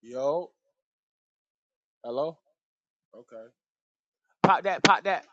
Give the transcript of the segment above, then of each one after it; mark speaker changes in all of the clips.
Speaker 1: Yo, hello. Okay, Pop that, pop that.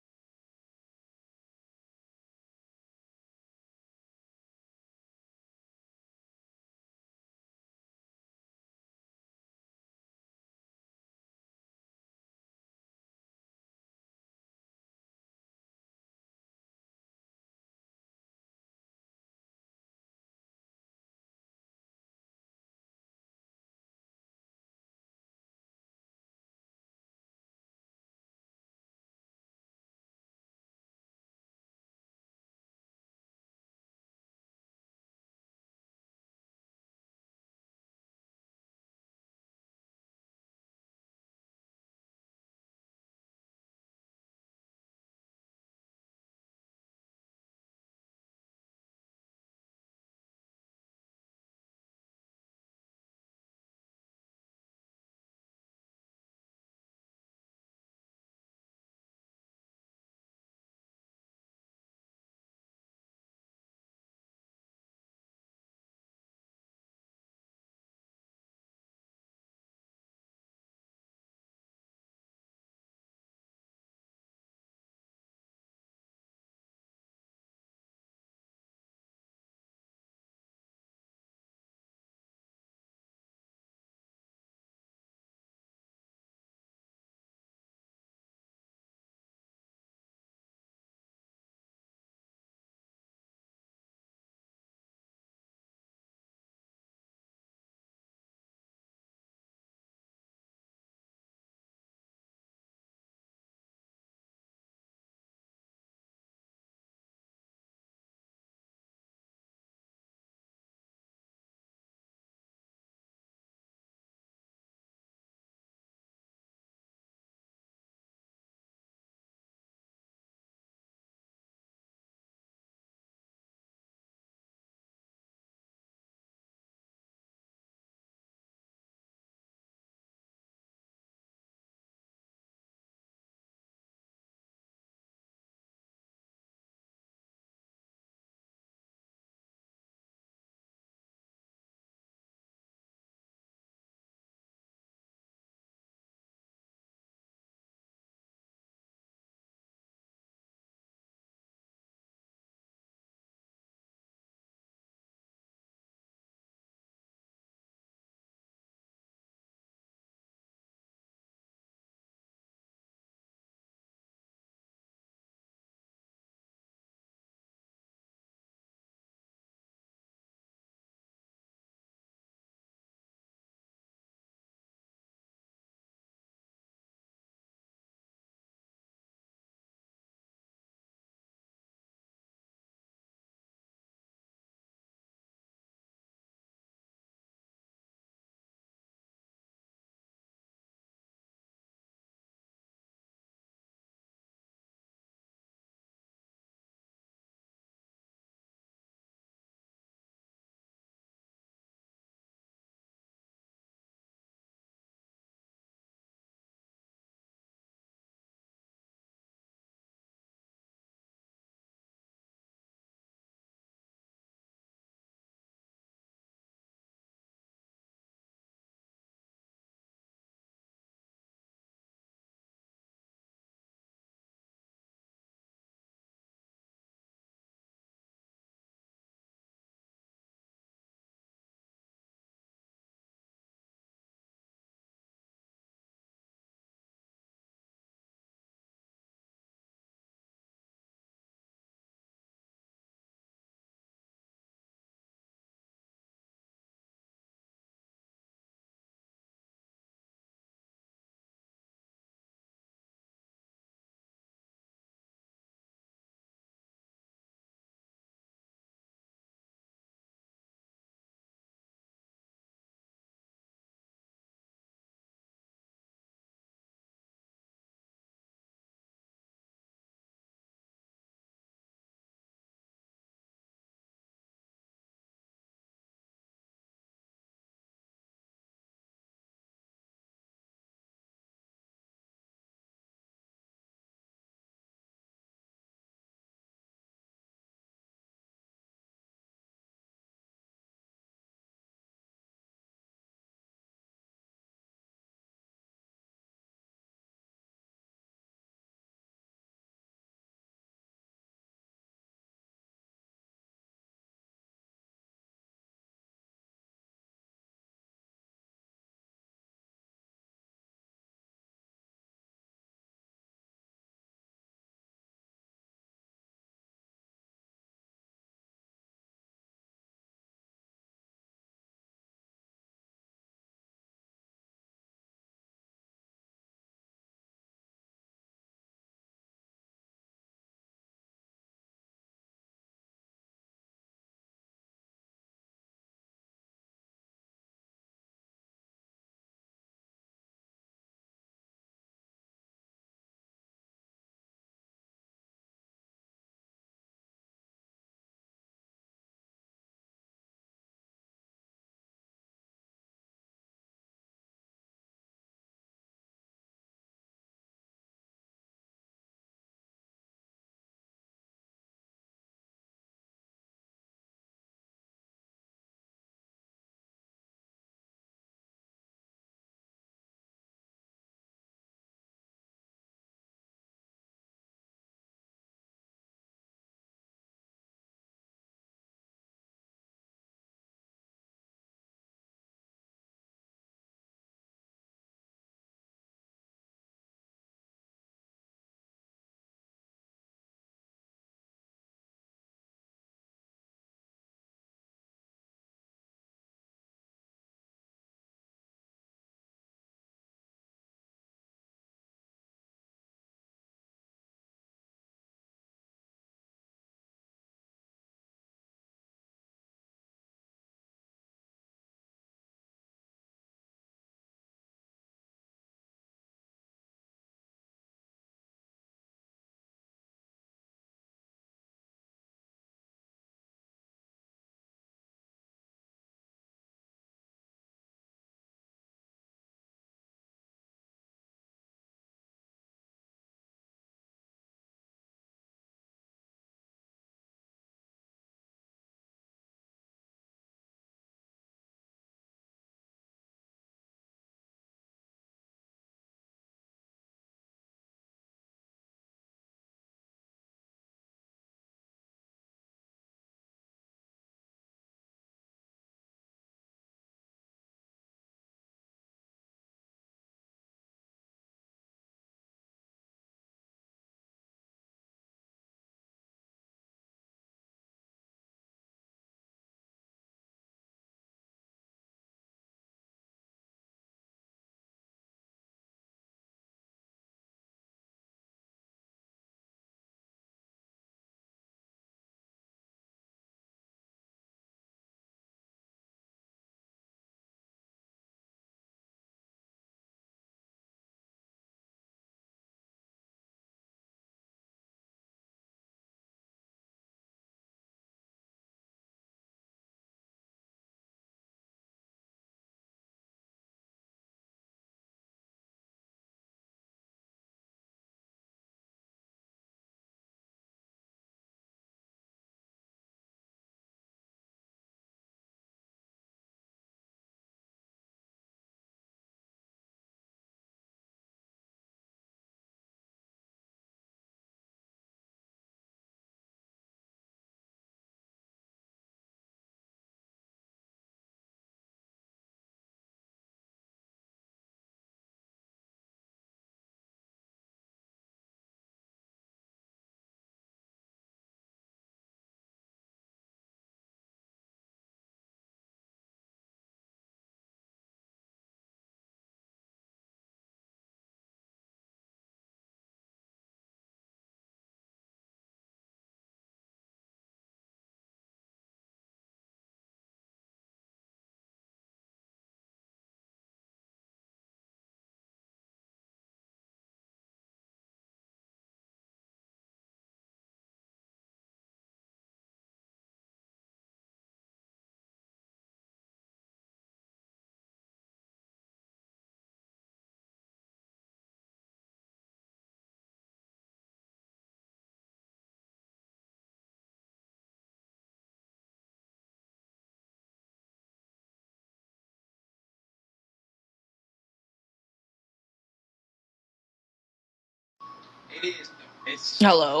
Speaker 2: Hello.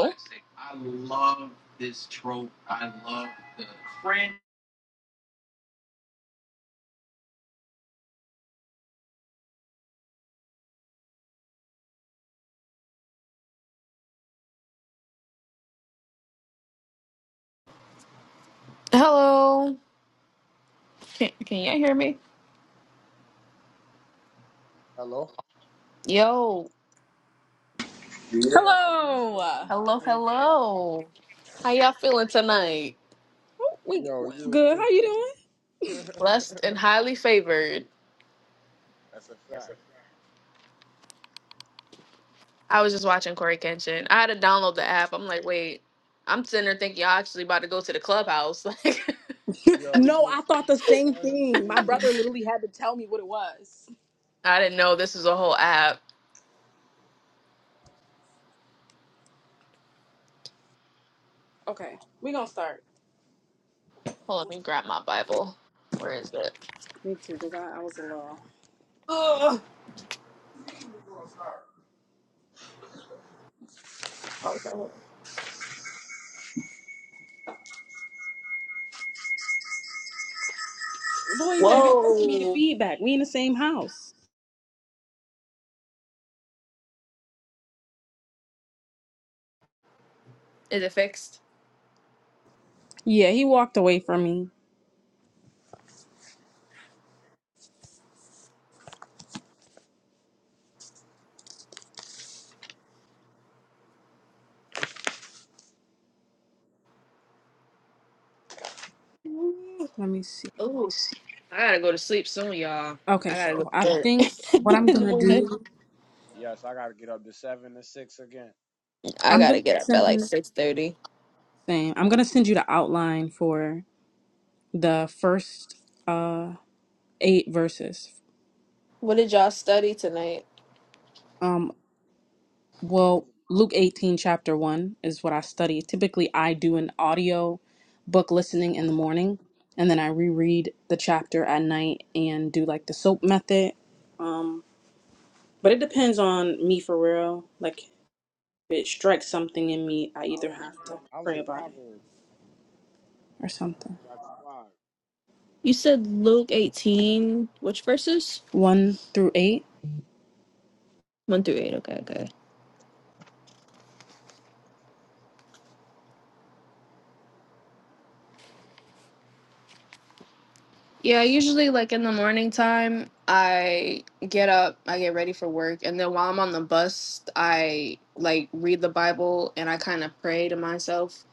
Speaker 2: Hello. Can can y'all hear me?
Speaker 1: hello.
Speaker 2: Yo.
Speaker 1: Yeah, I you
Speaker 3: Hello.
Speaker 1: supposed to lock
Speaker 2: Hello,
Speaker 1: in a lot
Speaker 2: hello. How y'all feeling tonight?
Speaker 3: We
Speaker 1: earlier. Yo, you was
Speaker 3: good. How
Speaker 1: too
Speaker 3: you doing?
Speaker 1: funny.
Speaker 2: Blessed and highly favored.
Speaker 1: That's a fact.
Speaker 2: I was just watching Corey Kenshin. I had to download the app. I'm like, wait, I'm sitting there thinking y'all actually about to go to the clubhouse. Like
Speaker 1: Yo, you
Speaker 3: No, I
Speaker 1: was
Speaker 3: thought the
Speaker 1: too
Speaker 3: same thing. My
Speaker 1: funny.
Speaker 3: brother literally had to tell me what it was.
Speaker 2: I didn't know this was a whole app.
Speaker 3: Okay, we gonna start.
Speaker 2: Hold on, let me grab my Bible. Where is it?
Speaker 3: Me too, cause I, I was a little
Speaker 2: Ugh. Oh, it's right here.
Speaker 3: boy. You better give me the
Speaker 2: Whoa.
Speaker 3: feedback. We in the same house.
Speaker 2: Is it fixed?
Speaker 3: Yeah, he walked away from me. Let me see.
Speaker 2: Oh, I gotta go to sleep soon, y'all.
Speaker 3: Okay,
Speaker 2: I gotta go
Speaker 3: so I
Speaker 2: to
Speaker 3: think what
Speaker 2: bed
Speaker 3: I'm
Speaker 2: in the
Speaker 3: gonna
Speaker 2: morning.
Speaker 3: do,
Speaker 1: Yes, I gotta get up to seven to six again.
Speaker 2: I
Speaker 3: I'm
Speaker 2: gotta
Speaker 3: gonna
Speaker 2: get up at like
Speaker 3: send
Speaker 2: six thirty.
Speaker 3: same. I'm gonna send you the outline for the first uh eight verses.
Speaker 2: What did y'all study tonight?
Speaker 3: Um,
Speaker 1: I was
Speaker 3: Well,
Speaker 1: in
Speaker 3: Luke
Speaker 1: Proverbs.
Speaker 3: 18, chapter 1 is what I study. Typically, I do an audio book listening in the morning, and then I reread the chapter at night and do like the soap method. Um, but it depends on me for real. Like, if it strikes something in me, I either have to
Speaker 1: I was
Speaker 3: pray
Speaker 1: in
Speaker 3: about it
Speaker 1: Proverbs
Speaker 3: or something.
Speaker 1: chapter five.
Speaker 2: You said Luke 18, which verses?
Speaker 3: 1 through 8.
Speaker 2: 1 through 8. Okay, okay. Yeah, usually like in the morning time, I get up, I get ready for work, and then while I'm on the bus, I like read the Bible and I kind of pray to myself.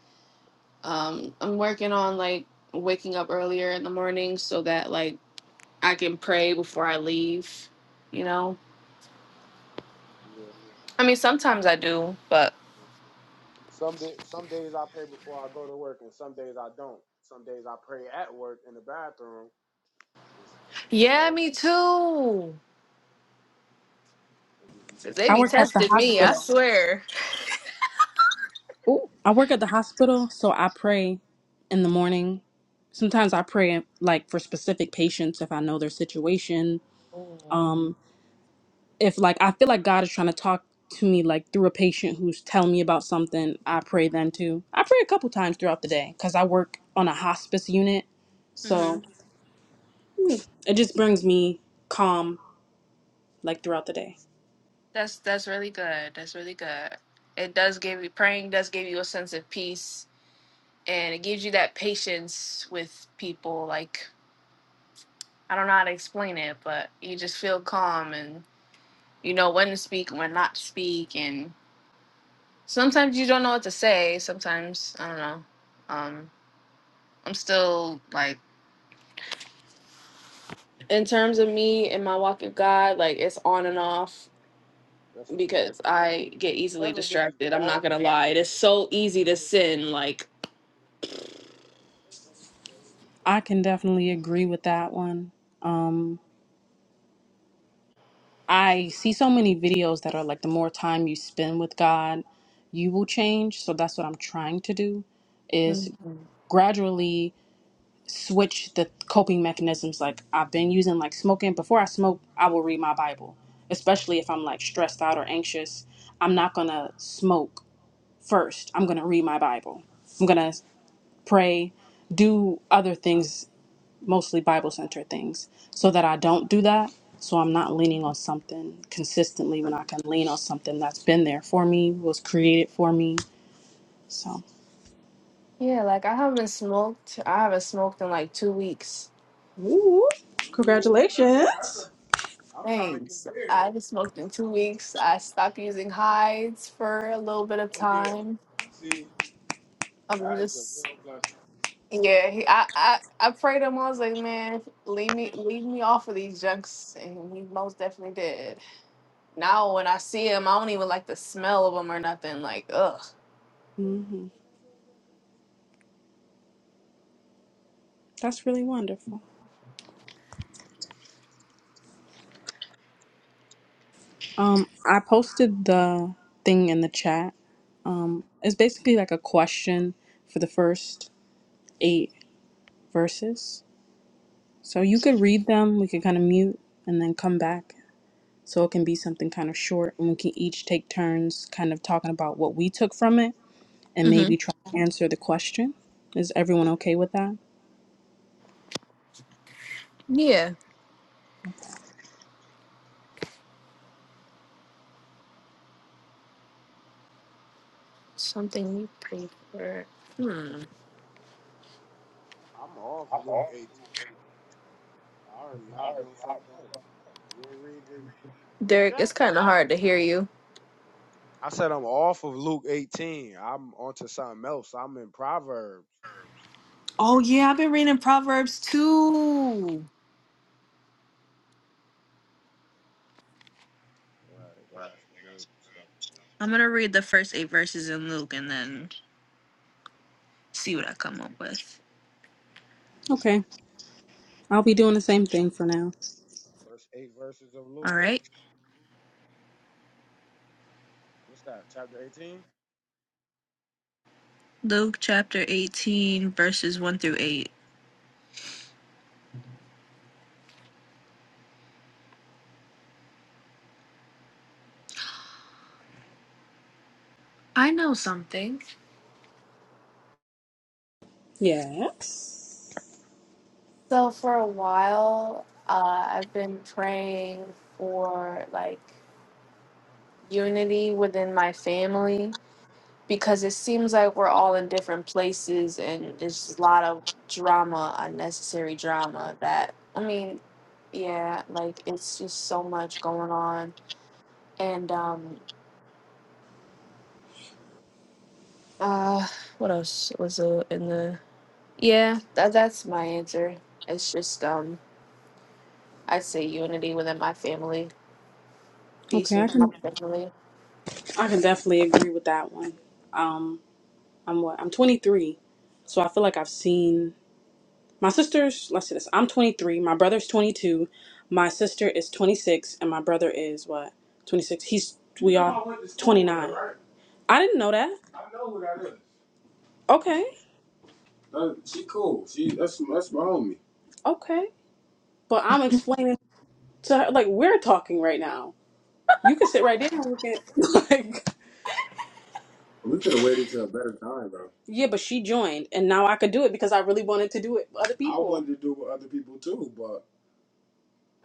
Speaker 2: Um, I'm working on like waking up earlier in the morning so that like I can pray before I leave, you know?
Speaker 1: Yeah.
Speaker 2: I mean, sometimes I do, but
Speaker 1: yeah. Some day, some days I pray before I go to work, and some days I don't. Some days I pray at work in the bathroom. It's- you
Speaker 2: Yeah,
Speaker 1: know,
Speaker 2: me too.
Speaker 1: I just be
Speaker 2: because they
Speaker 3: I
Speaker 1: trying.
Speaker 2: be
Speaker 3: work at the
Speaker 2: testing me, I
Speaker 3: hospital.
Speaker 2: swear.
Speaker 3: Ooh, I work at the hospital, so I pray in the morning. Sometimes I pray like for specific patients if I know their situation
Speaker 2: Mm.
Speaker 3: if like I feel like God is trying to talk to me like through a patient who's telling me about something, I pray then too. I pray a couple times throughout the day because I work on a hospice unit,
Speaker 2: Mhm.
Speaker 3: so it just brings me calm like throughout the day.
Speaker 2: That's that's really good. That's really good. It does give you praying does give you a sense of peace and it gives you that patience with people. Like I don't know how to explain it, but you just feel calm and you know when to speak and when not to speak and sometimes you don't know what to say. Sometimes I don't know. Um. I'm still like in terms of me and my walk with God, like it's on and off
Speaker 1: That's a fact.
Speaker 2: because I get
Speaker 1: It's
Speaker 2: easily
Speaker 1: never really
Speaker 2: distracted. I'm not
Speaker 1: wrong
Speaker 2: gonna
Speaker 1: because
Speaker 2: lie.
Speaker 1: the
Speaker 2: It is so
Speaker 1: relationship is
Speaker 2: easy to
Speaker 1: still intimate.
Speaker 2: sin. Like
Speaker 3: I can definitely agree with that one. Um, I see so many videos that are like the more time you spend with God, you will change. So that's what I'm trying to do, is
Speaker 2: Mhm.
Speaker 3: gradually switch the coping mechanisms like I've been using like smoking before I smoke I will read my Bible especially if I'm like stressed out or anxious I'm not going to smoke first I'm going to read my Bible I'm going to pray do other things mostly Bible centered things so that I don't do that so I'm not leaning on something consistently when I can lean on something that's been there for me was created for me so
Speaker 2: Yeah, like I haven't smoked. I haven't smoked in like two weeks.
Speaker 3: Ooh,
Speaker 1: Ooh, that's exactly.
Speaker 3: congratulations.
Speaker 1: I'm trying to get
Speaker 2: Thanks. I
Speaker 1: there.
Speaker 2: haven't smoked in two weeks. I stopped using hides for a little bit of
Speaker 1: Oh yeah.
Speaker 2: time.
Speaker 1: See,
Speaker 2: I'm
Speaker 1: that is a
Speaker 2: just
Speaker 1: real blessing.
Speaker 2: yeah. He, I I I prayed him. I was like, man, leave me leave me off of these junks, and he most definitely did. Now when I see them, I don't even like the smell of them or nothing. Like, ugh.
Speaker 3: hmm that's really wonderful Um, I posted the thing in the chat. Um, it's basically like a question for the first eight verses. So you could read them, we could kind of mute and then come back. So it can be something kind of short, and we can each take turns kind of talking about what we took from it and
Speaker 2: Mm-hmm.
Speaker 3: maybe try to answer the question. Is everyone okay with that?
Speaker 2: Yeah. Something you pay for. Hmm.
Speaker 1: I'm off Luke 18 though. I already hopped on something else. You ain't read the group
Speaker 2: Derek,
Speaker 1: chat?
Speaker 2: it's kind of hard to hear you.
Speaker 1: I said I'm off of Luke 18. I'm onto something else. I'm in Proverbs.
Speaker 2: Oh yeah, I've been reading Proverbs too.
Speaker 1: Right, they got some good stuff in there.
Speaker 2: I'm gonna read the first eight verses in Luke and then see what I come up with.
Speaker 3: Okay. I'll be doing the same thing for now.
Speaker 1: First eight verses of
Speaker 2: All
Speaker 1: Luke.
Speaker 2: right.
Speaker 1: What's that? Chapter 18?
Speaker 2: Luke chapter 18, verses 1 through 8. I know something.
Speaker 3: Yes.
Speaker 2: So for a while, uh, I've been praying for like unity within my family because it seems like we're all in different places and it's just a lot of drama, unnecessary drama that I mean, yeah, like it's just so much going on. And um uh what else was uh, in the Yeah, that that's my answer. It's just um I'd say unity within my family, peace
Speaker 3: Okay, I
Speaker 2: within my
Speaker 3: can
Speaker 2: family.
Speaker 3: I can definitely agree with that one. Um, I'm what? I'm 23. So I feel like I've seen my sister's, let's say this. I'm 23. My brother's 22. My sister is 26. And my brother is what? 26. He's, we You know, are I went to school with her, 29. right? I didn't know that. I know who that is. Okay. She She cool. She that's that's my homie. Okay. But I'm explaining to her, like, we're talking right now. You can sit right there and look at, like. We could have waited till a better time, bro. Yeah, but she joined, and now I could do it because I really wanted to do it with other I people. wanted to do with other people too, but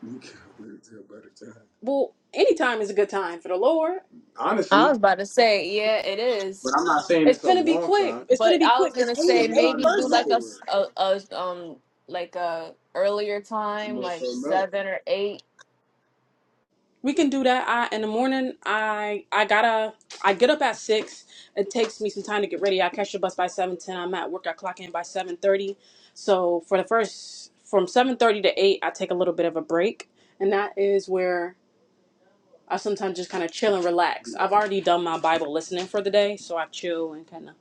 Speaker 3: we could have waited till a better time. Well, any time is a good time for the Lord.
Speaker 2: I was
Speaker 3: Honestly,
Speaker 2: about to say, yeah, it is.
Speaker 3: but I'm not saying It's it's a finna be long quick. time It's to
Speaker 2: But
Speaker 3: be
Speaker 2: I was
Speaker 3: quick. It's
Speaker 2: gonna
Speaker 3: eight.
Speaker 2: say
Speaker 3: It's because we 88 already went
Speaker 2: maybe do
Speaker 3: verses.
Speaker 2: like a,
Speaker 3: over it.
Speaker 2: s- a- a, um like a earlier
Speaker 3: I'm
Speaker 2: time,
Speaker 3: on
Speaker 2: like
Speaker 3: something else.
Speaker 2: seven or eight.
Speaker 3: We can do that. I in the morning I I gotta I get up at six. It takes me some time to get ready. I catch the bus by seven ten. I'm at work. I clock in by seven thirty. So for the first from seven thirty to eight, I take a little bit of a break, and that is where I sometimes just kind of chill and relax. I've already done my Bible listening for the day, so I chill and kind of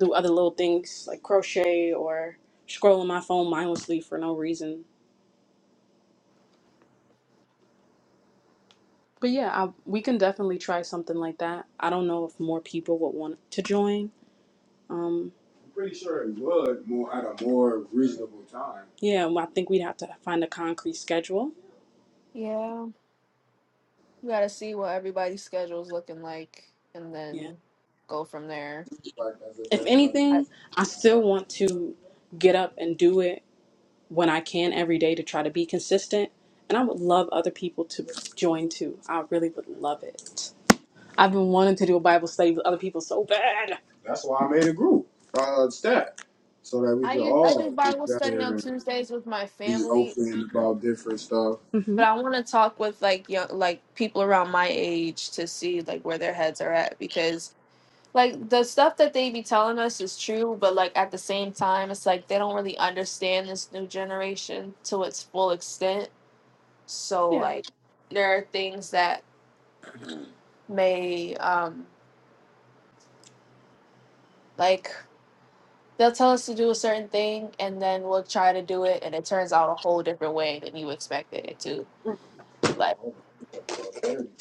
Speaker 3: do other little things like crochet or scroll on my phone mindlessly for no reason But yeah, I, we can definitely try something like that. I don't know if more people would want to join. Um, I'm pretty sure it would more at a more reasonable time. yeah, well, I think we'd have to find a concrete schedule.
Speaker 2: Yeah, we gotta see what everybody's schedule's looking like, and
Speaker 3: Yeah.
Speaker 2: then go from there.
Speaker 3: Like as I If said, like
Speaker 2: I
Speaker 3: anything, I still want to get up and do it when I can every day to try to be consistent. And I would love other people to join too. I really would love it. I've been wanting to do a Bible study with other people so bad. That's why I made a group, uh, stat, so that we
Speaker 2: I
Speaker 3: could
Speaker 2: u- I do
Speaker 3: all get
Speaker 2: Bible study on
Speaker 3: better and
Speaker 2: Tuesdays with my
Speaker 3: be
Speaker 2: family,
Speaker 3: open about different stuff. hmm
Speaker 2: but I want to talk with like young like people around my age to see like where their heads are at because like the stuff that they be telling us is true, but like at the same time, it's like they don't really understand this new generation to its full extent. So
Speaker 3: Yeah.
Speaker 2: like there are things that may um like they'll tell us to do a certain thing and then we'll try to do it and it turns out a whole different way than you expected it to. Like
Speaker 3: I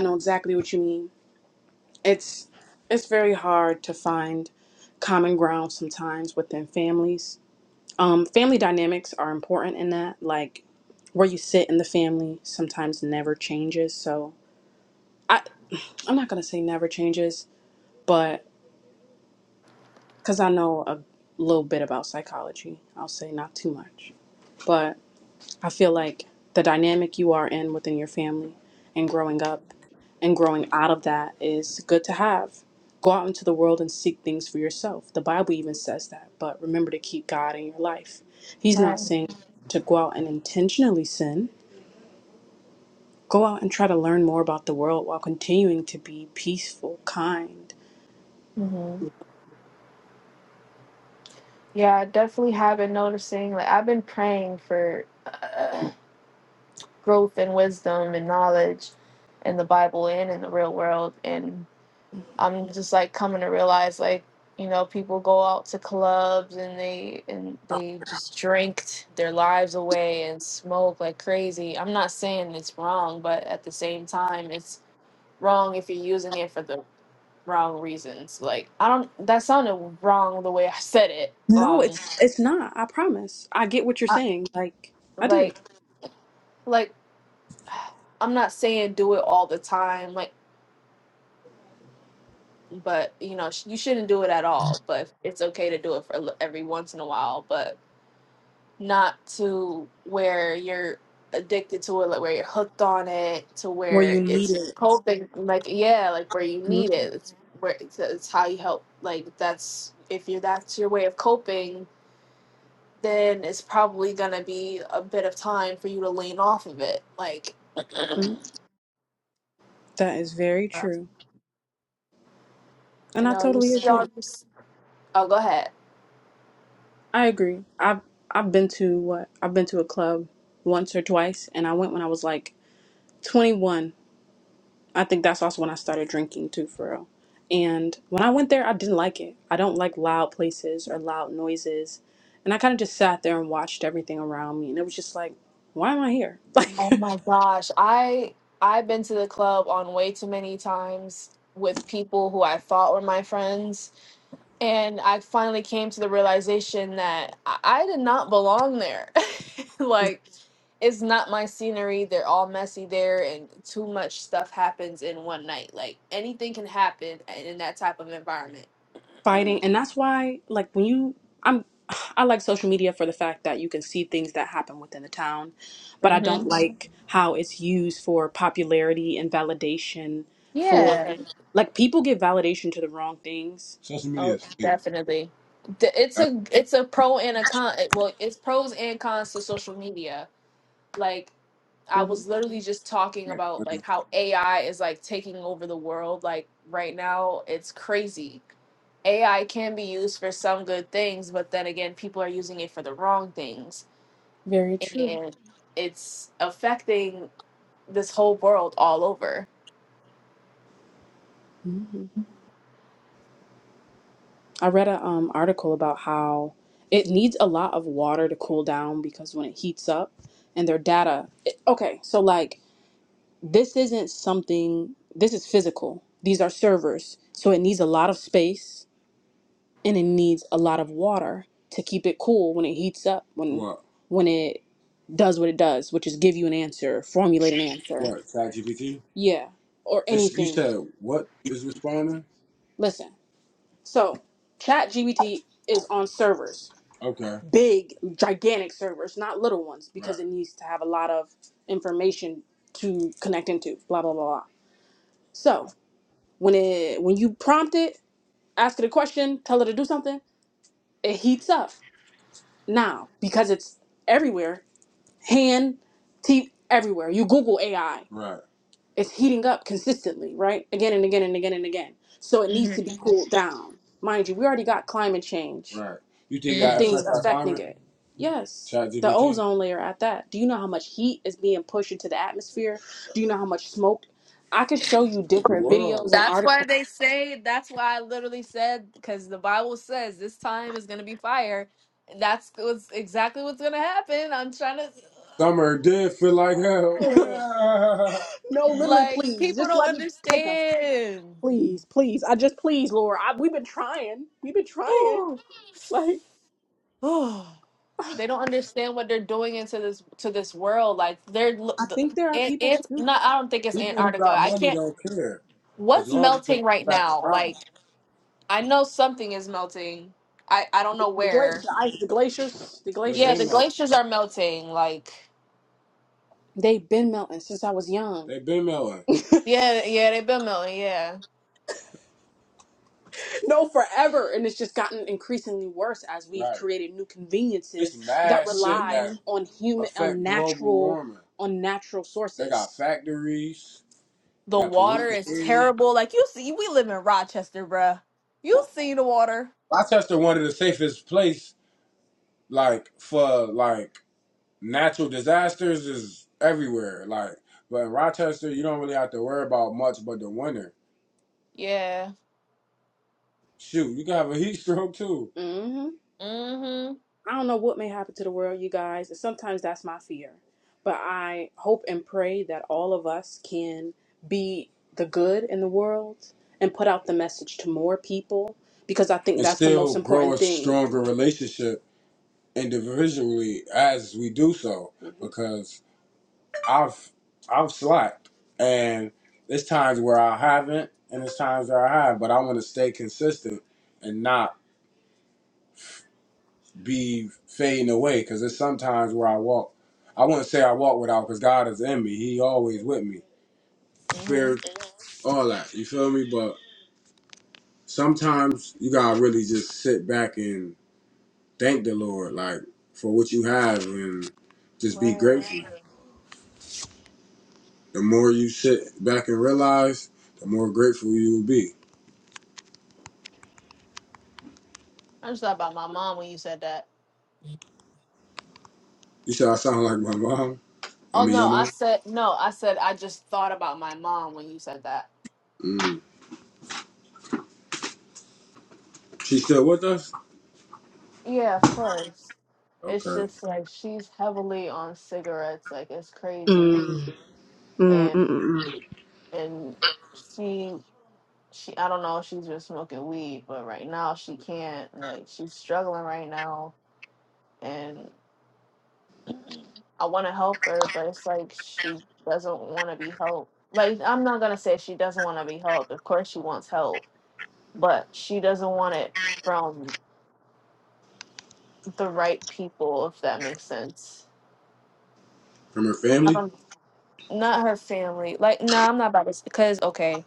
Speaker 3: know exactly what you mean. It's it's very hard to find common ground sometimes within families. Um, family dynamics are important in that, like where you sit in the family sometimes never changes. So I I'm not gonna say never changes, but because I know a little bit about psychology. I'll say not too much, but I feel like the dynamic you are in within your family and growing up and growing out of that is good to have. Go out into the world and seek things for yourself. The Bible even says that, but remember to keep God in your life. He's
Speaker 2: right.
Speaker 3: not saying to go out and intentionally sin. Go out and try to learn more about the world while continuing to be peaceful, kind.
Speaker 2: hmm Yeah, I definitely have been noticing. Like I've been praying for growth and wisdom and knowledge in the Bible and in the real world. And I'm just like coming to realize like, you know, people go out to clubs and they and they just drink their lives away and smoke like crazy. I'm not saying it's wrong, but at the same time it's wrong if you're using it for the wrong reasons. Like I don't that sounded wrong the way I said it.
Speaker 3: No,
Speaker 2: Um
Speaker 3: it's it's not. I promise. I get what you're
Speaker 2: I,
Speaker 3: saying. Like I do.
Speaker 2: like like I'm not saying do it all the time. Like but you know sh- you shouldn't do it at all but it's okay to do it for a li- every once in a while but not to where you're addicted to it like where you're hooked on it to
Speaker 3: where
Speaker 2: where
Speaker 3: you need
Speaker 2: it's your
Speaker 3: it.
Speaker 2: coping like yeah like where you need it it's where it's, it's how you help like that's if you are that's your way of coping then it's probably gonna be a bit of time for you to lean off of it like
Speaker 3: Mhm. That is very true,
Speaker 2: you
Speaker 3: and I
Speaker 2: know you
Speaker 3: totally
Speaker 2: see all
Speaker 3: agree.
Speaker 2: this oh go ahead
Speaker 3: I agree. I've I've been to what I've been to a club once or twice, and I went when I was like 21. I think that's also when I started drinking too, for real. And when I went there, I didn't like it. I don't like loud places or loud noises, and I kind of just sat there and watched everything around me, and it was just like, why am I here?
Speaker 2: Oh
Speaker 3: Like,
Speaker 2: my gosh. I I've been to the club on way too many times with people who I thought were my friends, and I finally came to the realization that I, I did not belong there. Like it's not my scenery. They're all messy there and too much stuff happens in one night. Like anything can happen in in that type of environment.
Speaker 3: fighting and that's why like when you i'm i like social media for the fact that you can see things that happen within the town but i don't Mhm.
Speaker 2: Mhm.
Speaker 3: like how it's used for popularity and validation for
Speaker 2: Yeah.
Speaker 3: Mhm.
Speaker 2: Right.
Speaker 3: like people give validation to the wrong things
Speaker 2: Oh,
Speaker 3: Sister,
Speaker 2: definitely. D- It's
Speaker 3: I-
Speaker 2: a it's a pro and a con. Well, it's pros and cons to social media like I
Speaker 3: hmm
Speaker 2: was literally just talking about
Speaker 3: funny.
Speaker 2: like how AI is like taking over the world like right now. It's crazy. AI can be used for some good things, but then again, people are using it for the wrong things
Speaker 3: very true
Speaker 2: and it's affecting this whole world all over.
Speaker 3: hmm i read a um, article about how it needs a lot of water to cool down because when it heats up and their data it, okay so like this isn't something this is physical these are servers so it needs a lot of space and it needs a lot of water to keep it cool when it heats up when Right, when it does what it does which is give you an answer formulate an answer What ChatGPT. yeah or It's, you anything said what is responding? listen so ChatGPT is on servers, Okay. big, gigantic servers, not little ones, because Right. it needs to have a lot of information to connect into. Blah blah blah. blah. So when it when you prompt it, ask it a question, tell it to do something, it heats up. Now because it's everywhere, hand, teeth, everywhere. You Google AI. Right. it's heating up consistently, right? Again and again and again and again. So it needs to be cooled down. Mind you, we already got climate change Right. You think and I
Speaker 2: Mm-hmm.
Speaker 3: things affect our affecting climate? it. Yes, Chat the GPT? ozone layer at that. Do you know how much heat is being pushed into the atmosphere? Do you know how much smoke? I could show you different Whoa. videos and
Speaker 2: That's why
Speaker 3: articles.
Speaker 2: they say, that's why I literally said, because the Bible says this time is going to be fire. And that's what's exactly what's going to happen. I'm trying
Speaker 3: Summer did feel like hell.
Speaker 2: to.
Speaker 3: No, literally,
Speaker 2: Like
Speaker 3: please,
Speaker 2: people
Speaker 3: just
Speaker 2: don't
Speaker 3: let me take us.
Speaker 2: understand.
Speaker 3: Please, please. I just, please, Laura. I, we've been trying. We've been trying.
Speaker 2: Ooh,
Speaker 3: Like,
Speaker 2: ooh. they don't understand what they're doing into this to this world. Like they're l-
Speaker 3: I
Speaker 2: the,
Speaker 3: think there are
Speaker 2: and,
Speaker 3: people
Speaker 2: and
Speaker 3: who do,
Speaker 2: not.
Speaker 3: though.
Speaker 2: I don't think it's Antarctica.
Speaker 3: My
Speaker 2: I
Speaker 3: money
Speaker 2: can't.
Speaker 3: don't care. As-
Speaker 2: What's melting right now? Like I know something is melting. I I don't know
Speaker 3: The, gla-
Speaker 2: where.
Speaker 3: the ice, the glaciers, the They been
Speaker 2: Yeah,
Speaker 3: glaciers.
Speaker 2: the
Speaker 3: melting.
Speaker 2: glaciers are melting. Like
Speaker 3: They've been melting since I was young. They have been melting.
Speaker 2: yeah, yeah, they've been melting. Yeah.
Speaker 3: No, forever. And it's just gotten increasingly worse as we've Right. created new It's conveniences that mad shit rely
Speaker 2: hmm
Speaker 3: that on human, affect on global natural, warming. on natural sources. They got factories
Speaker 2: The
Speaker 3: that pollute
Speaker 2: water
Speaker 3: the
Speaker 2: is
Speaker 3: air.
Speaker 2: terrible. Like you see, we live in Rochester, bruh. You see the water.
Speaker 3: Rochester, one of the safest place, like for like natural disasters, is everywhere. Like, but in Rochester, you don't really have to worry about much, but the winter.
Speaker 2: Yeah.
Speaker 3: Shoot, you can have a heat stroke too. mm hmm
Speaker 2: Mhm.
Speaker 3: I don't know what may happen to the world, you guys. and Sometimes that's my fear. But I hope and pray that all of us can be the good in the world and put out the message to more people because I think And that's the still most still grow important a thing. stronger relationship individually as we do so. hmm Because I've I've slacked and there's times where I haven't and there's times where I have, but I want to stay consistent and not be fading away because there's sometimes where I walk. I wouldn't say I walk without because God is in me. He always with me.
Speaker 2: Mm-hmm.
Speaker 3: Spirit, all that. You feel me? But sometimes you gotta really just sit back and thank the Lord, like, for what you have and just be
Speaker 2: Right.
Speaker 3: grateful. The more you sit back and realize, the more grateful you will be.
Speaker 2: I just thought about my mom when you said that.
Speaker 3: You said I sound like my mom. I
Speaker 2: Oh
Speaker 3: mean
Speaker 2: no,
Speaker 3: your
Speaker 2: I
Speaker 3: mom.
Speaker 2: said no, I said I just thought about my mom when you said that.
Speaker 3: Mm. She's still with us?
Speaker 2: Yeah, of course. It's
Speaker 3: Okay.
Speaker 2: just like she's heavily on cigarettes, like it's crazy.
Speaker 3: Mm, mm, mm,
Speaker 2: And
Speaker 3: mm.
Speaker 2: and she she I don't know if she's just smoking weed, but right now she can't. Like she's struggling right now. And. I want to help her, but it's like she doesn't want to be helped. Like, I'm not going to say she doesn't want to be helped. Of course, she wants help, but she doesn't want it from the right people, if that makes sense.
Speaker 3: From her family?
Speaker 2: Um, not her family. Like, no, I'm not about this because, okay,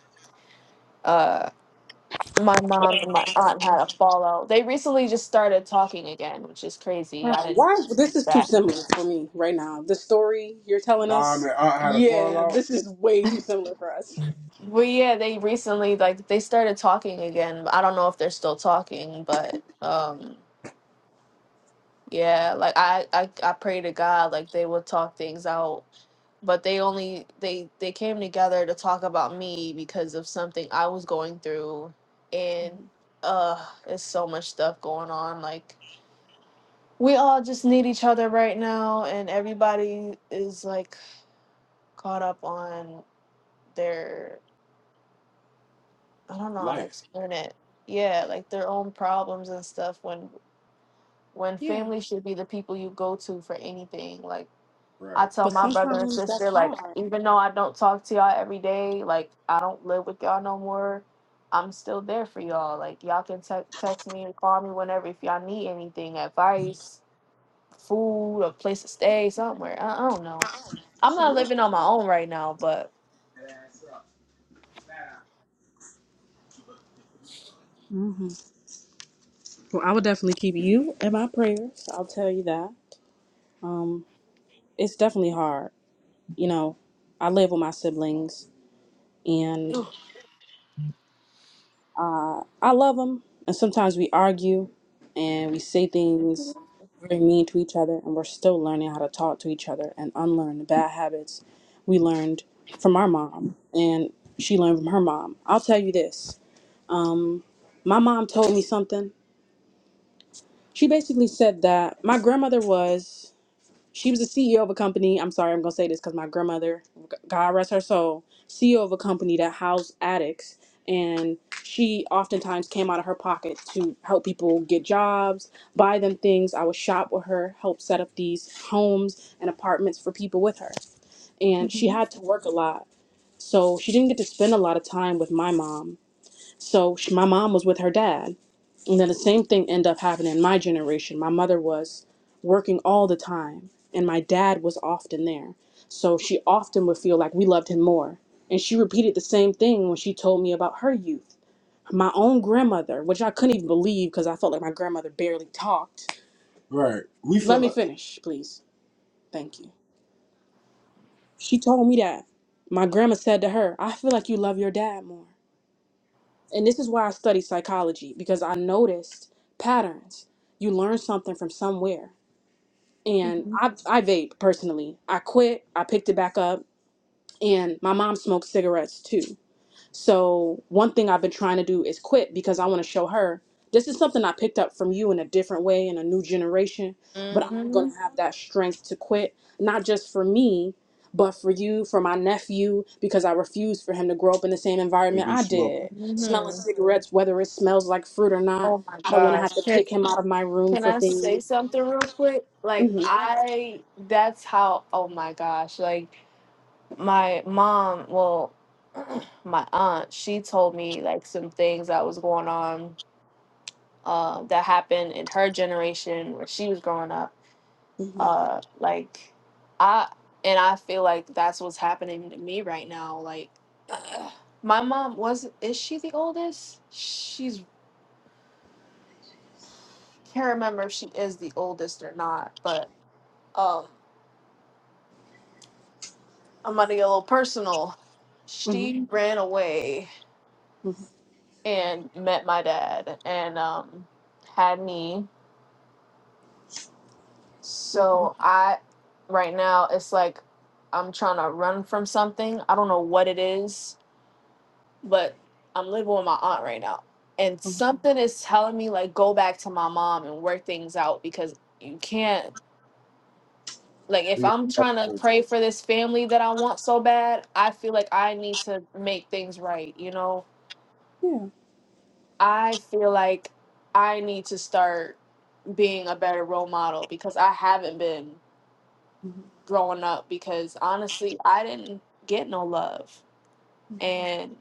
Speaker 2: uh, my mom and my aunt had a fallout. They recently just started talking again, which is crazy. I
Speaker 3: Wow,
Speaker 2: didn't
Speaker 3: why
Speaker 2: see
Speaker 3: this is too
Speaker 2: that.
Speaker 3: similar for me right now. The story you're telling Nah, us, man, I had a yeah, out. this is way too similar for us.
Speaker 2: Well, yeah, they recently, like, they started talking again. I don't know if they're still talking, but, um, Yeah, like I, I I pray to God like they would talk things out, but they only they they came together to talk about me because of something I was going through and
Speaker 3: Mhm.
Speaker 2: uh it's so much stuff going on like we all just need each other right now and everybody is like caught up on their I don't know how to
Speaker 3: Life.
Speaker 2: explain it. Yeah, like their own problems and stuff when when
Speaker 3: Yeah,
Speaker 2: family should be the people you go to for anything. Like
Speaker 3: Right.
Speaker 2: I tell
Speaker 3: but
Speaker 2: my brother and
Speaker 3: sometimes that's
Speaker 2: sister, like,
Speaker 3: hard.
Speaker 2: even though I don't talk to y'all every day, like, I don't live with y'all no more, I'm still there for y'all. Like, y'all can te- text me and call me whenever if y'all need anything, advice, food, a place to stay, somewhere. I, I don't know. I'm not living on my own right now, but.
Speaker 3: hmm Well, I would definitely keep you in my prayers. I'll tell you that. Um, it's definitely hard. You know, I live with my siblings, and. Uh, I love him, and sometimes we argue and we say
Speaker 2: Mm-hmm.
Speaker 3: things very mean to each other, and we're still learning how to talk to each other and unlearn the bad habits we learned from our mom and she learned from her mom. I'll tell you this. Um, my mom told me something. She basically said that my grandmother was she was the CEO of a company. I'm sorry, I'm gonna say this because my grandmother, God rest her soul, CEO of a company that housed addicts, and she oftentimes came out of her pocket to help people get jobs, buy them things. I would shop with her, help set up these homes and apartments for people with her, and she had to work a lot, so she didn't get to spend a lot of time with my mom so sh my mom was with her dad. And then the same thing ended up happening in my generation. My mother was working all the time, and my dad was often there. So she often would feel like we loved him more. And she repeated the same thing when she told me about her youth. My own grandmother, which I couldn't even believe because I felt like my grandmother barely talked. Right. We Let feel me like finish, please. Thank you. She told me that. My grandma said to her, I feel like you love your dad more. And this is why I study psychology because I noticed patterns. You learn something from somewhere. And I, I vape personally. I quit, I picked it back up, and my mom smoked cigarettes too. So one thing I've been trying to do is quit because I want to show her this is something I picked up from you in a different way in a new generation, but I'm going
Speaker 2: Mm-hmm.
Speaker 3: to have that strength to quit, not just for me, but for you, for my nephew, because I refuse for him to grow up in the same environment Maybe I slow. did. Smelling
Speaker 2: hmm
Speaker 3: cigarettes, whether it smells like fruit or not,
Speaker 2: Oh my
Speaker 3: I don't want to
Speaker 2: gosh.
Speaker 3: have to
Speaker 2: Can,
Speaker 3: kick him out of my room
Speaker 2: can
Speaker 3: for
Speaker 2: I
Speaker 3: things.
Speaker 2: say something real quick? Like,
Speaker 3: hmm
Speaker 2: I, that's how, oh my gosh. Like, my mom, well, my aunt, she told me like some things that was going on uh, that happened in her generation where she was growing up.
Speaker 3: hmm
Speaker 2: Uh, like, I and I feel like that's what's happening to me right now. Like, my mom was is she the oldest? She's can't remember if she is the oldest or not, but um, I'm gonna get a little personal.
Speaker 3: hmm
Speaker 2: She ran away
Speaker 3: hmm
Speaker 2: and met my dad and um had me. So I right now it's like I'm trying to run from something. I don't know what it is, but I'm living with my aunt right now. And
Speaker 3: hmm
Speaker 2: something is telling me like go back to my mom and work things out because you can't like if
Speaker 3: Be a-
Speaker 2: I'm trying to pray for this family that I want so bad, I feel like I need to make things right, you know?
Speaker 3: Yeah.
Speaker 2: I feel like I need to start being a better role model because I haven't been
Speaker 3: hmm hmm
Speaker 2: growing up because honestly, I didn't get no love. And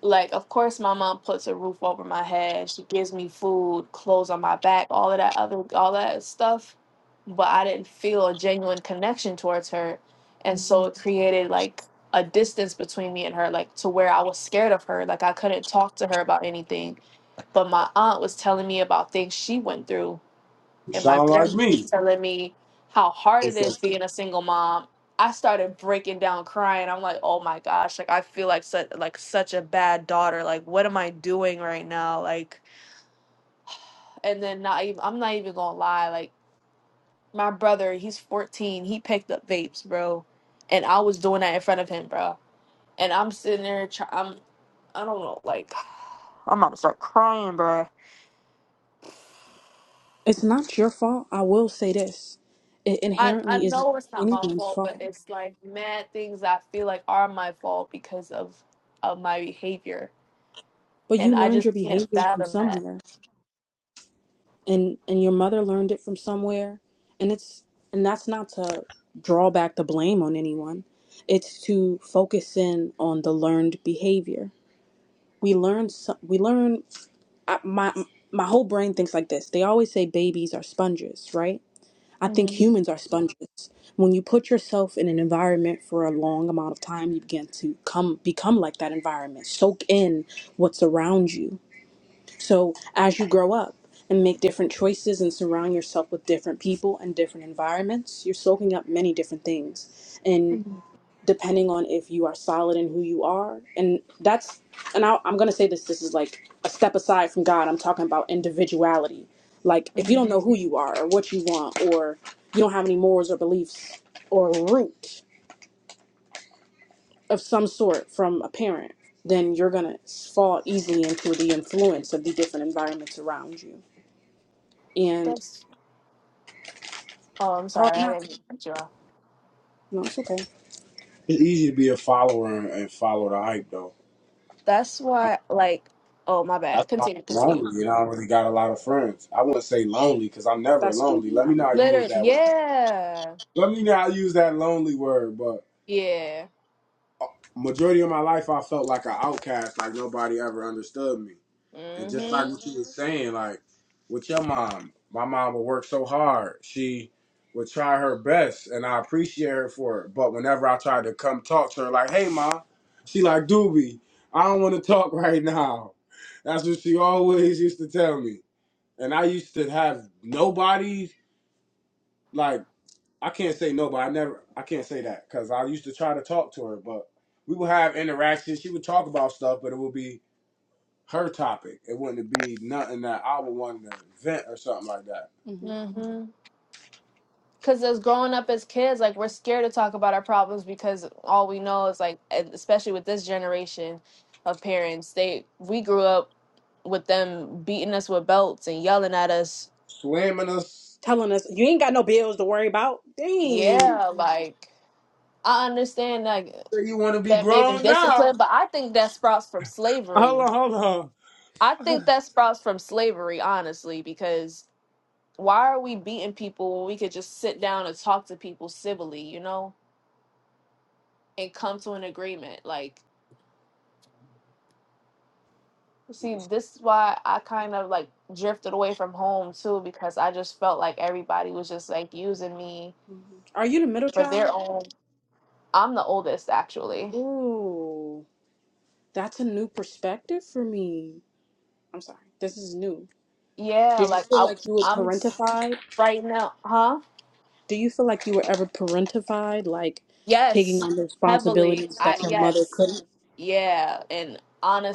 Speaker 2: like of course my mom puts a roof over my head. She gives me food, clothes on my back, all of that other all that stuff, but I didn't feel a genuine connection towards her. And so it created like a distance between me and her like to where I was scared of her, like I couldn't talk to her about anything, but my aunt was telling me about things she went through
Speaker 3: you
Speaker 2: and my
Speaker 3: sound like
Speaker 2: grandma was
Speaker 3: me.
Speaker 2: telling me how hard it is being a single mom. I started breaking down crying. I'm like, "Oh my gosh, like I feel like such like such a bad daughter. Like what am I doing right now?" Like and then not even I'm not even going to lie. Like my brother, he's 14. He picked up vapes, bro. And I was doing that in front of him, bro. And I'm sitting there try- I'm I don't know, like I'm about to start crying, bro.
Speaker 3: It's not your fault. I will say this. It
Speaker 2: I I
Speaker 3: inherently isn't
Speaker 2: know it's not my
Speaker 3: anyone's
Speaker 2: fault, but
Speaker 3: fault.
Speaker 2: it's like mad things I feel like are my fault because of of my behavior,
Speaker 3: But you
Speaker 2: and I
Speaker 3: learned your
Speaker 2: just can't
Speaker 3: behavior from
Speaker 2: fathom that.
Speaker 3: somewhere and and your mother learned it from somewhere. And it's and that's not to draw back the blame on anyone. It's to focus in on the learned behavior. We learn so- we learn I, my my whole brain thinks like this. They always say babies are sponges, right? I think
Speaker 2: hmm
Speaker 3: humans are sponges. When you put yourself in an environment for a long amount of time, you begin to come become like that environment, soak in what's around you. So as you grow up and make different choices and surround yourself with different people and different environments, you're soaking up many different things. And
Speaker 2: hmm
Speaker 3: depending on if you are solid in who you are and that's and I, i'm going to say this this is like a step aside from god i'm talking about individuality like if you
Speaker 2: hmm
Speaker 3: don't know who you are or what you want or you don't have any morals or beliefs or root of some sort from a parent then you're going to fall easily into the influence of the different environments around you and
Speaker 2: That's oh, I'm
Speaker 3: it's hard
Speaker 2: sorry, I
Speaker 3: not
Speaker 2: didn't
Speaker 3: to
Speaker 2: cut you off.
Speaker 3: no it's okay It's easy to be a follower and and follow the hype, though.
Speaker 2: That's why, like, oh my bad. Continue, continue.
Speaker 3: lonely and I already got a lot of friends. I wouldn't say lonely because I'm never That's lonely. Let me not use
Speaker 2: Literally,
Speaker 3: that word.
Speaker 2: yeah,
Speaker 3: Let me not use that lonely word, but
Speaker 2: yeah.
Speaker 3: majority of my life I felt like an outcast, like nobody ever understood me. And just like
Speaker 2: Mm-hmm.
Speaker 3: what you were saying, like with your mom, my mom would work so hard. She would try her best and I appreciate her for it. But whenever I tried to come talk to her, like, hey mom, she like, Doobie, I don't want to talk right now. That's what she always used to tell me. and I used to have nobody like I can't say nobody. I never I can't say that because I used to try to talk to her, but we would have interactions. She would talk about stuff, but it would be her topic. It wouldn't be nothing that I would want to vent or something like that. hmm
Speaker 2: Mm-hmm. Because as growing up as kids, like we're scared to talk about our problems because all we know is like, and especially with this generation of parents, they we grew up with them beating us with belts and yelling at us.
Speaker 3: Slamming us. Telling us you ain't got no bills to worry about. Dang.
Speaker 2: Yeah,
Speaker 3: Say
Speaker 2: like I understand like
Speaker 3: you want to be
Speaker 2: that may have been
Speaker 3: grown now.
Speaker 2: discipline, but I think that sprouts from slavery.
Speaker 3: Hold on, hold on.
Speaker 2: I think that sprouts from slavery, honestly, because why are we beating people when we could just sit down and talk to people civilly, you know, and come to an agreement? Like See, this is why I kind of like drifted away from home too, because I just felt like everybody was just like using me
Speaker 3: Mhm. Are you the middle
Speaker 2: for their
Speaker 3: child?
Speaker 2: own. I'm the oldest, actually.
Speaker 3: Ooh, that's a new perspective for me. I'm sorry. This is new.
Speaker 2: Yeah,
Speaker 3: Did you
Speaker 2: like
Speaker 3: feel
Speaker 2: I,
Speaker 3: like you were
Speaker 2: I'm s-
Speaker 3: parentified?
Speaker 2: right now, huh?
Speaker 3: Do you feel like you were ever parentified, like taking
Speaker 2: Yes,
Speaker 3: on the
Speaker 2: heavily.
Speaker 3: responsibilities
Speaker 2: I
Speaker 3: that your mother
Speaker 2: yes,
Speaker 3: couldn't?
Speaker 2: yeah, and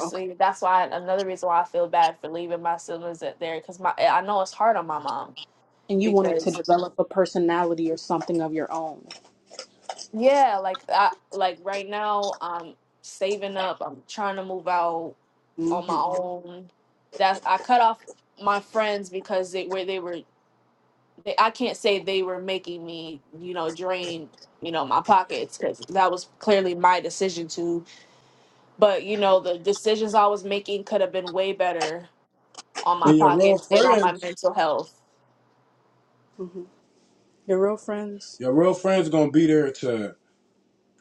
Speaker 3: Okay.
Speaker 2: that's why another reason why I feel bad for leaving my siblings at there, because my I know it's hard on my mom
Speaker 3: And you wanted to
Speaker 2: because
Speaker 3: develop a personality or something of your own.
Speaker 2: Yeah, like I like right now I'm saving up. I'm trying to move out
Speaker 3: hmm
Speaker 2: on my own. That I cut off my friends because they where they were they, I can't say they were making me, you know, drain, you know, my pockets cuz that was clearly my decision to, but you know, the decisions I was making could have been way better on my
Speaker 3: And your real
Speaker 2: pockets and on my
Speaker 3: friends,
Speaker 2: mental health.
Speaker 3: hmm Your real friends. your real friends gonna be there to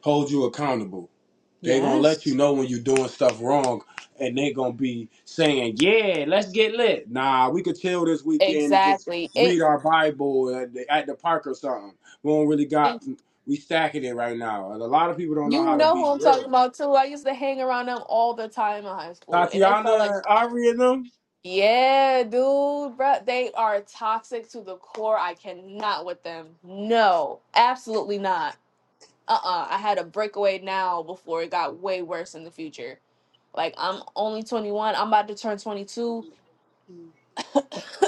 Speaker 3: hold you accountable. They're gonna Yes. let Yes. you know when you're doing stuff wrong, and they're gonna be saying, "Yeah, let's get lit." Nah, we could chill this weekend and just
Speaker 2: Exactly. It
Speaker 3: read our Bible at the, at the park or something. We don't really got we stacking it right now, and a lot of people don't know
Speaker 2: You
Speaker 3: how to
Speaker 2: know
Speaker 3: be
Speaker 2: who I'm talking
Speaker 3: real.
Speaker 2: about too. I used to hang around them all the time in high school, and it
Speaker 3: Tatiana,
Speaker 2: felt like,
Speaker 3: and Ari, and them,
Speaker 2: yeah, dude, bruh, they are toxic to the core. I cannot with them. No, absolutely not. Uh-uh. I had a breakaway now before it got way worse in the future. Like I'm only 21. I'm about to turn 22.
Speaker 3: Mm.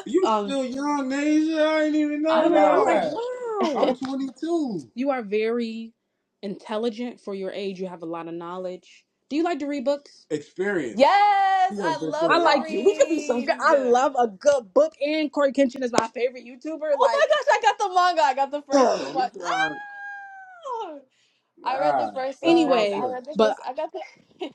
Speaker 3: you
Speaker 2: Um,
Speaker 3: still young, Asia. I didn't even know
Speaker 2: I
Speaker 3: Literally, I'm like,
Speaker 2: know.
Speaker 3: that. I'm wow. 22. You are very intelligent for your age. You have a lot of knowledge. Do you like to read books? Experience.
Speaker 2: Yes,
Speaker 3: She on
Speaker 2: I
Speaker 3: Big I
Speaker 2: love to
Speaker 3: like you. We could be some. good-
Speaker 2: read.
Speaker 3: I love a good book, and Corey Kenshin is my favorite YouTuber.
Speaker 2: Oh my
Speaker 3: Like,
Speaker 2: gosh, I got the manga. I got the first
Speaker 3: ugh.
Speaker 2: two
Speaker 3: So
Speaker 2: books.
Speaker 3: we trying.
Speaker 2: Ah! I read the
Speaker 3: God, that's
Speaker 2: first
Speaker 3: my
Speaker 2: one.
Speaker 3: anyway,
Speaker 2: I
Speaker 3: friend.
Speaker 2: read the
Speaker 3: but
Speaker 2: first. I got the.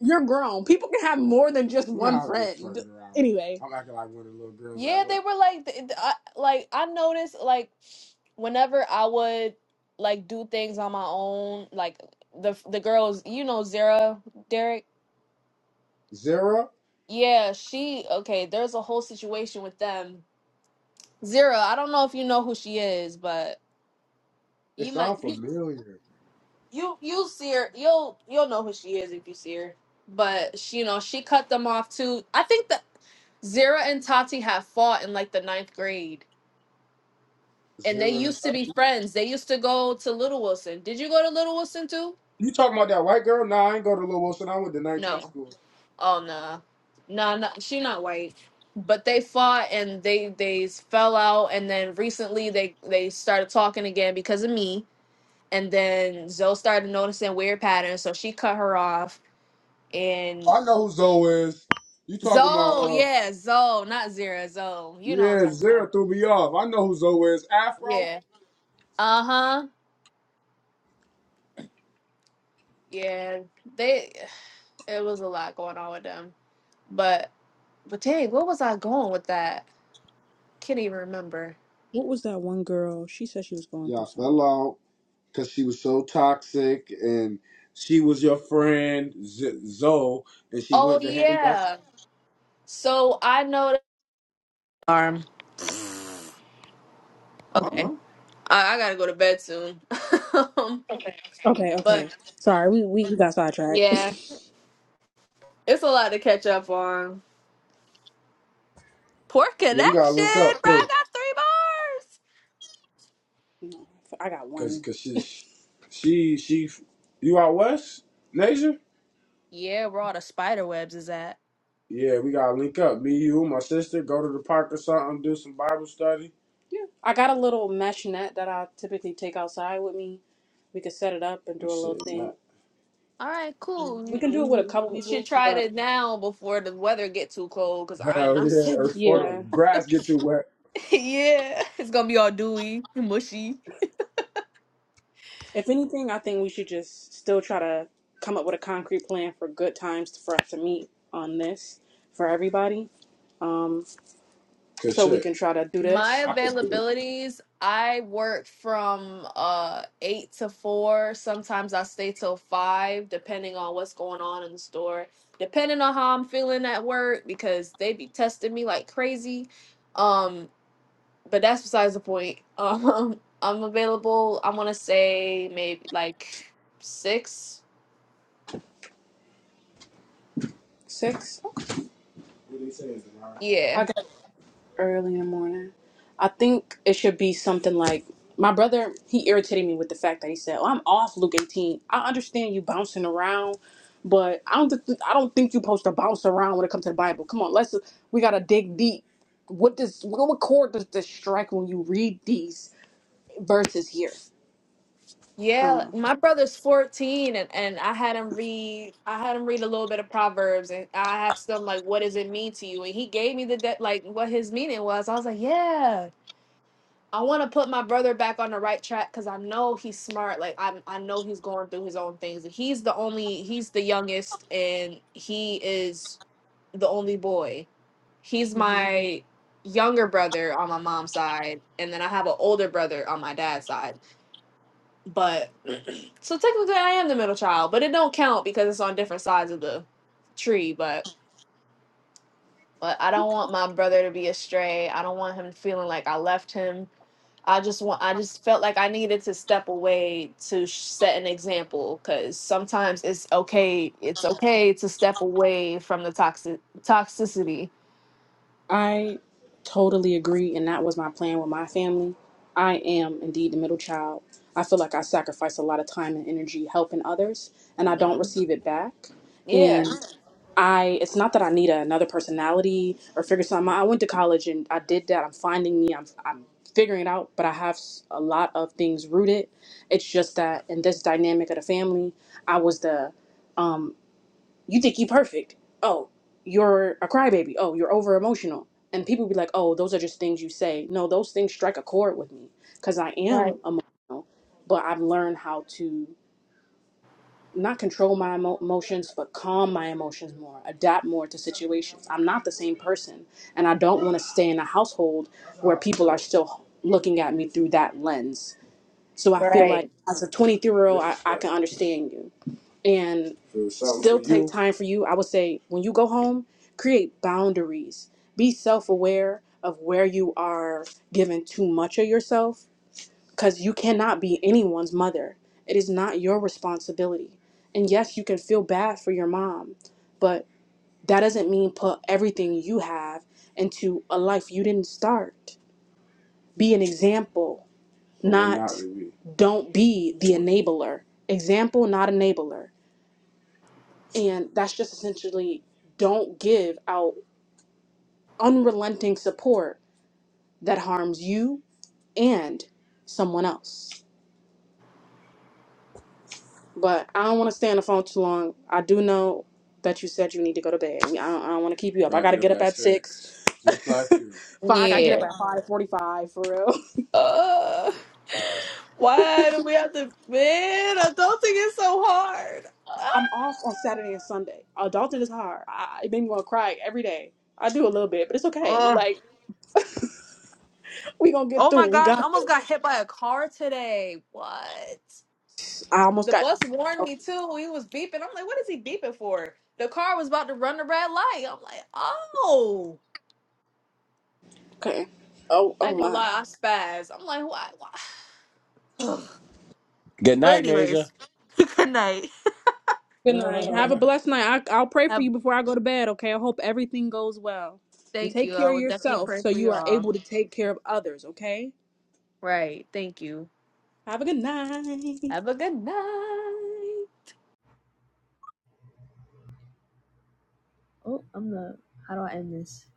Speaker 3: you're grown. People can have more than just You know one how friend. fucking around. Anyway, I'm acting like one of the little girls at
Speaker 2: yeah, they
Speaker 3: work.
Speaker 2: were like, th- th- I, like I noticed, like whenever I would like do things on my own, like the the girls, you know, Zara, Derek.
Speaker 3: Zara,
Speaker 2: Yeah, she okay. There's a whole situation with them. Zara, I don't know if you know who she is, but you
Speaker 3: it's
Speaker 2: might.
Speaker 3: a million.
Speaker 2: you you'll see her you'll you'll know who she is if you see her but she you know she cut them off too i think that zara and tati have fought in like the ninth grade and they
Speaker 3: Zara. and-
Speaker 2: used to be friends they used to go to little wilson did you go to little wilson too
Speaker 3: You talking about that white girl? Nah, I ain't go to Little Wilson. I went to 19
Speaker 2: no
Speaker 3: school.
Speaker 2: oh no no no she not white but they fought and they they fell out and then recently they they started talking again because of me and then zoe started noticing weird patterns so she cut her off and.
Speaker 3: I know who Zoe is. You talking about,
Speaker 2: Zoe,
Speaker 3: uh,
Speaker 2: yeah, Zoe, not Zero, Zoe. You know what I'm
Speaker 3: yeah,
Speaker 2: talking
Speaker 3: Zara
Speaker 2: about.
Speaker 3: threw me off. I know who Zoe is. Afro?
Speaker 2: Yeah. Uh huh. Yeah. They. It was a lot going on with them, but but dang, what was I going with that? Can't even remember.
Speaker 3: What was that one girl? She said she was going through Y'all through fell out because she was so toxic, and she was your friend Z- Zoe, and she
Speaker 2: Oh
Speaker 3: went to hang out.
Speaker 2: yeah. So I know. That- Arm. Okay.
Speaker 3: Huh?
Speaker 2: I, I gotta go to bed soon. um, okay.
Speaker 3: Okay,
Speaker 2: But
Speaker 3: okay. Sorry, we we, we got sidetracked.
Speaker 2: yeah, it's a lot to catch up on. Poor
Speaker 3: Yeah, we gotta
Speaker 2: connection,
Speaker 3: link up
Speaker 2: bro.
Speaker 3: too,
Speaker 2: I got three bars.
Speaker 3: No, I got cause one. cause she she she you out west, Nasia?
Speaker 2: Yeah, where all the spider webs is at.
Speaker 3: Yeah, we gotta link up. Me, you, my sister, go to the park or something, do some Bible study. Yeah. I got a little mesh net that I typically take outside with me. We could set it up and do a little shit, thing. man.
Speaker 2: All right, cool.
Speaker 3: We
Speaker 2: You
Speaker 3: can do it with a
Speaker 2: you-
Speaker 3: couple
Speaker 2: you should
Speaker 3: people,
Speaker 2: try
Speaker 3: but
Speaker 2: it now before the weather get too cold, because
Speaker 3: Hell yeah.
Speaker 2: I am not
Speaker 3: Or,
Speaker 2: sitting.
Speaker 3: or yeah. grass get too wet.
Speaker 2: yeah, it's gonna be all dewy, mushy.
Speaker 3: If anything, I think we should just still try to come up with a concrete plan for good times for us to meet on this for everybody. Um, Cause so we shit, can try to do this.
Speaker 2: My
Speaker 3: I could do it.
Speaker 2: availabilities, I work from uh eight to four. Sometimes I stay till five, depending on what's going on in the store, depending on how I'm feeling at work, because they be testing me like crazy. Um, but that's besides the point. Um, I'm available. I want to say maybe like six.
Speaker 3: Six. What they saying,
Speaker 2: Yeah,
Speaker 3: Denari? early in the morning. I think it should be something like my brother. He irritated me with the fact that he said, "Oh, I'm off Luke 18." I understand you bouncing around, but I don't. Th- I don't think you're supposed to bounce around when it comes to the Bible. Come on, let's. We gotta dig deep. What does what, what chord does this strike when you read these verses here? I don't
Speaker 2: yeah.
Speaker 3: know.
Speaker 2: My brother's 14, and and I had him read. I had him read a little bit of Proverbs, and I asked him like, "What does it mean to you?" And he gave me the de- like what his meaning was. I was like, "Yeah." I want to put my brother back on the right track because I know he's smart. Like I, I know he's going through his own things. He's the only, he's the youngest, and he is the only boy. He's
Speaker 3: Mm-hmm.
Speaker 2: my younger brother on my mom's side, and then I have an older brother on my dad's side. But so technically, I am the middle child, but it don't count because it's on different sides of the tree. But but I don't want my brother to be astray. I don't want him feeling like I left him. I just want I just felt like I needed to step away to sh- set an example cuz sometimes it's okay it's okay to step away from the toxic toxicity.
Speaker 3: I totally agree, and that was my plan with my family. I am indeed the middle child. I feel like I sacrifice a lot of time and energy helping others, and I don't receive it back. And
Speaker 2: Yeah.
Speaker 3: I, it's not that I need another personality or figure something out. I went to college and I did that. I'm finding me. I'm, I'm figuring it out, but I have s- a lot of things rooted. It's just that in this dynamic of the family, I was the um, you think you perfect. Oh, you're a crybaby. Oh, you're over emotional. And people be like, oh, those are just things you say. No, those things strike a chord with me because I
Speaker 2: Right.
Speaker 3: am emotional, but I've learned how to not control my emo- emotions, but calm my emotions more, adapt more to situations. I'm not the same person, and I don't want to stay in a household where people are still looking at me through that lens. So I feel like
Speaker 2: Right.
Speaker 3: as a 23 year old, I, I can understand you and Do something still for take you. time for you. I would say when you go home, create boundaries. Be self aware of where you are giving too much of yourself because you cannot be anyone's mother. It is not your responsibility. And yes, you can feel bad for your mom, but that doesn't mean put everything you have into a life you didn't start. Be an example, Or not not to be. don't be the enabler. Example, not enabler. And that's just essentially don't give out unrelenting support that harms you and someone else. But I don't want to stay on the phone too long. I do know that you said you need to go to bed. I don't, I don't want to keep you up. I Gotta got to get get up up at at 6. six, just like you. Fi- I got to get
Speaker 2: Yeah.
Speaker 3: up at 5.45 for real.
Speaker 2: Uh, why do we have to? Man, adulting is so hard.
Speaker 3: I'm off on Saturday and Sunday. Adulting is hard. I, it made me want to cry every day. I do a little bit, but it's okay.
Speaker 2: Oh,
Speaker 3: Like, we going to get
Speaker 2: oh
Speaker 3: through.
Speaker 2: my
Speaker 3: We
Speaker 2: gosh! I
Speaker 3: got this.
Speaker 2: almost got hit by a car today. What?
Speaker 3: I almost
Speaker 2: The
Speaker 3: got...
Speaker 2: bus warned me too. He was beeping. I'm like, what is he beeping for? The car was about to run the red light. I'm like, oh.
Speaker 3: Okay. Oh,
Speaker 2: I
Speaker 3: oh
Speaker 2: ain't gonna
Speaker 3: my.
Speaker 2: lie, I spaz. I'm like, why? why?
Speaker 3: Good
Speaker 2: but
Speaker 3: night, Naja.
Speaker 2: anyways, good night.
Speaker 3: Good night. Have a blessed night. I, I'll pray for
Speaker 2: Have,
Speaker 3: you before I go to bed, okay? I hope everything goes well. And
Speaker 2: thank
Speaker 3: take
Speaker 2: you. I
Speaker 3: care of
Speaker 2: will definitely
Speaker 3: yourself
Speaker 2: pray
Speaker 3: so
Speaker 2: for
Speaker 3: you are
Speaker 2: y'all.
Speaker 3: able to take care of others, okay?
Speaker 2: Right. Thank you.
Speaker 3: Have a good night.
Speaker 2: Have a good night. Oh, I'm the. How do I end this?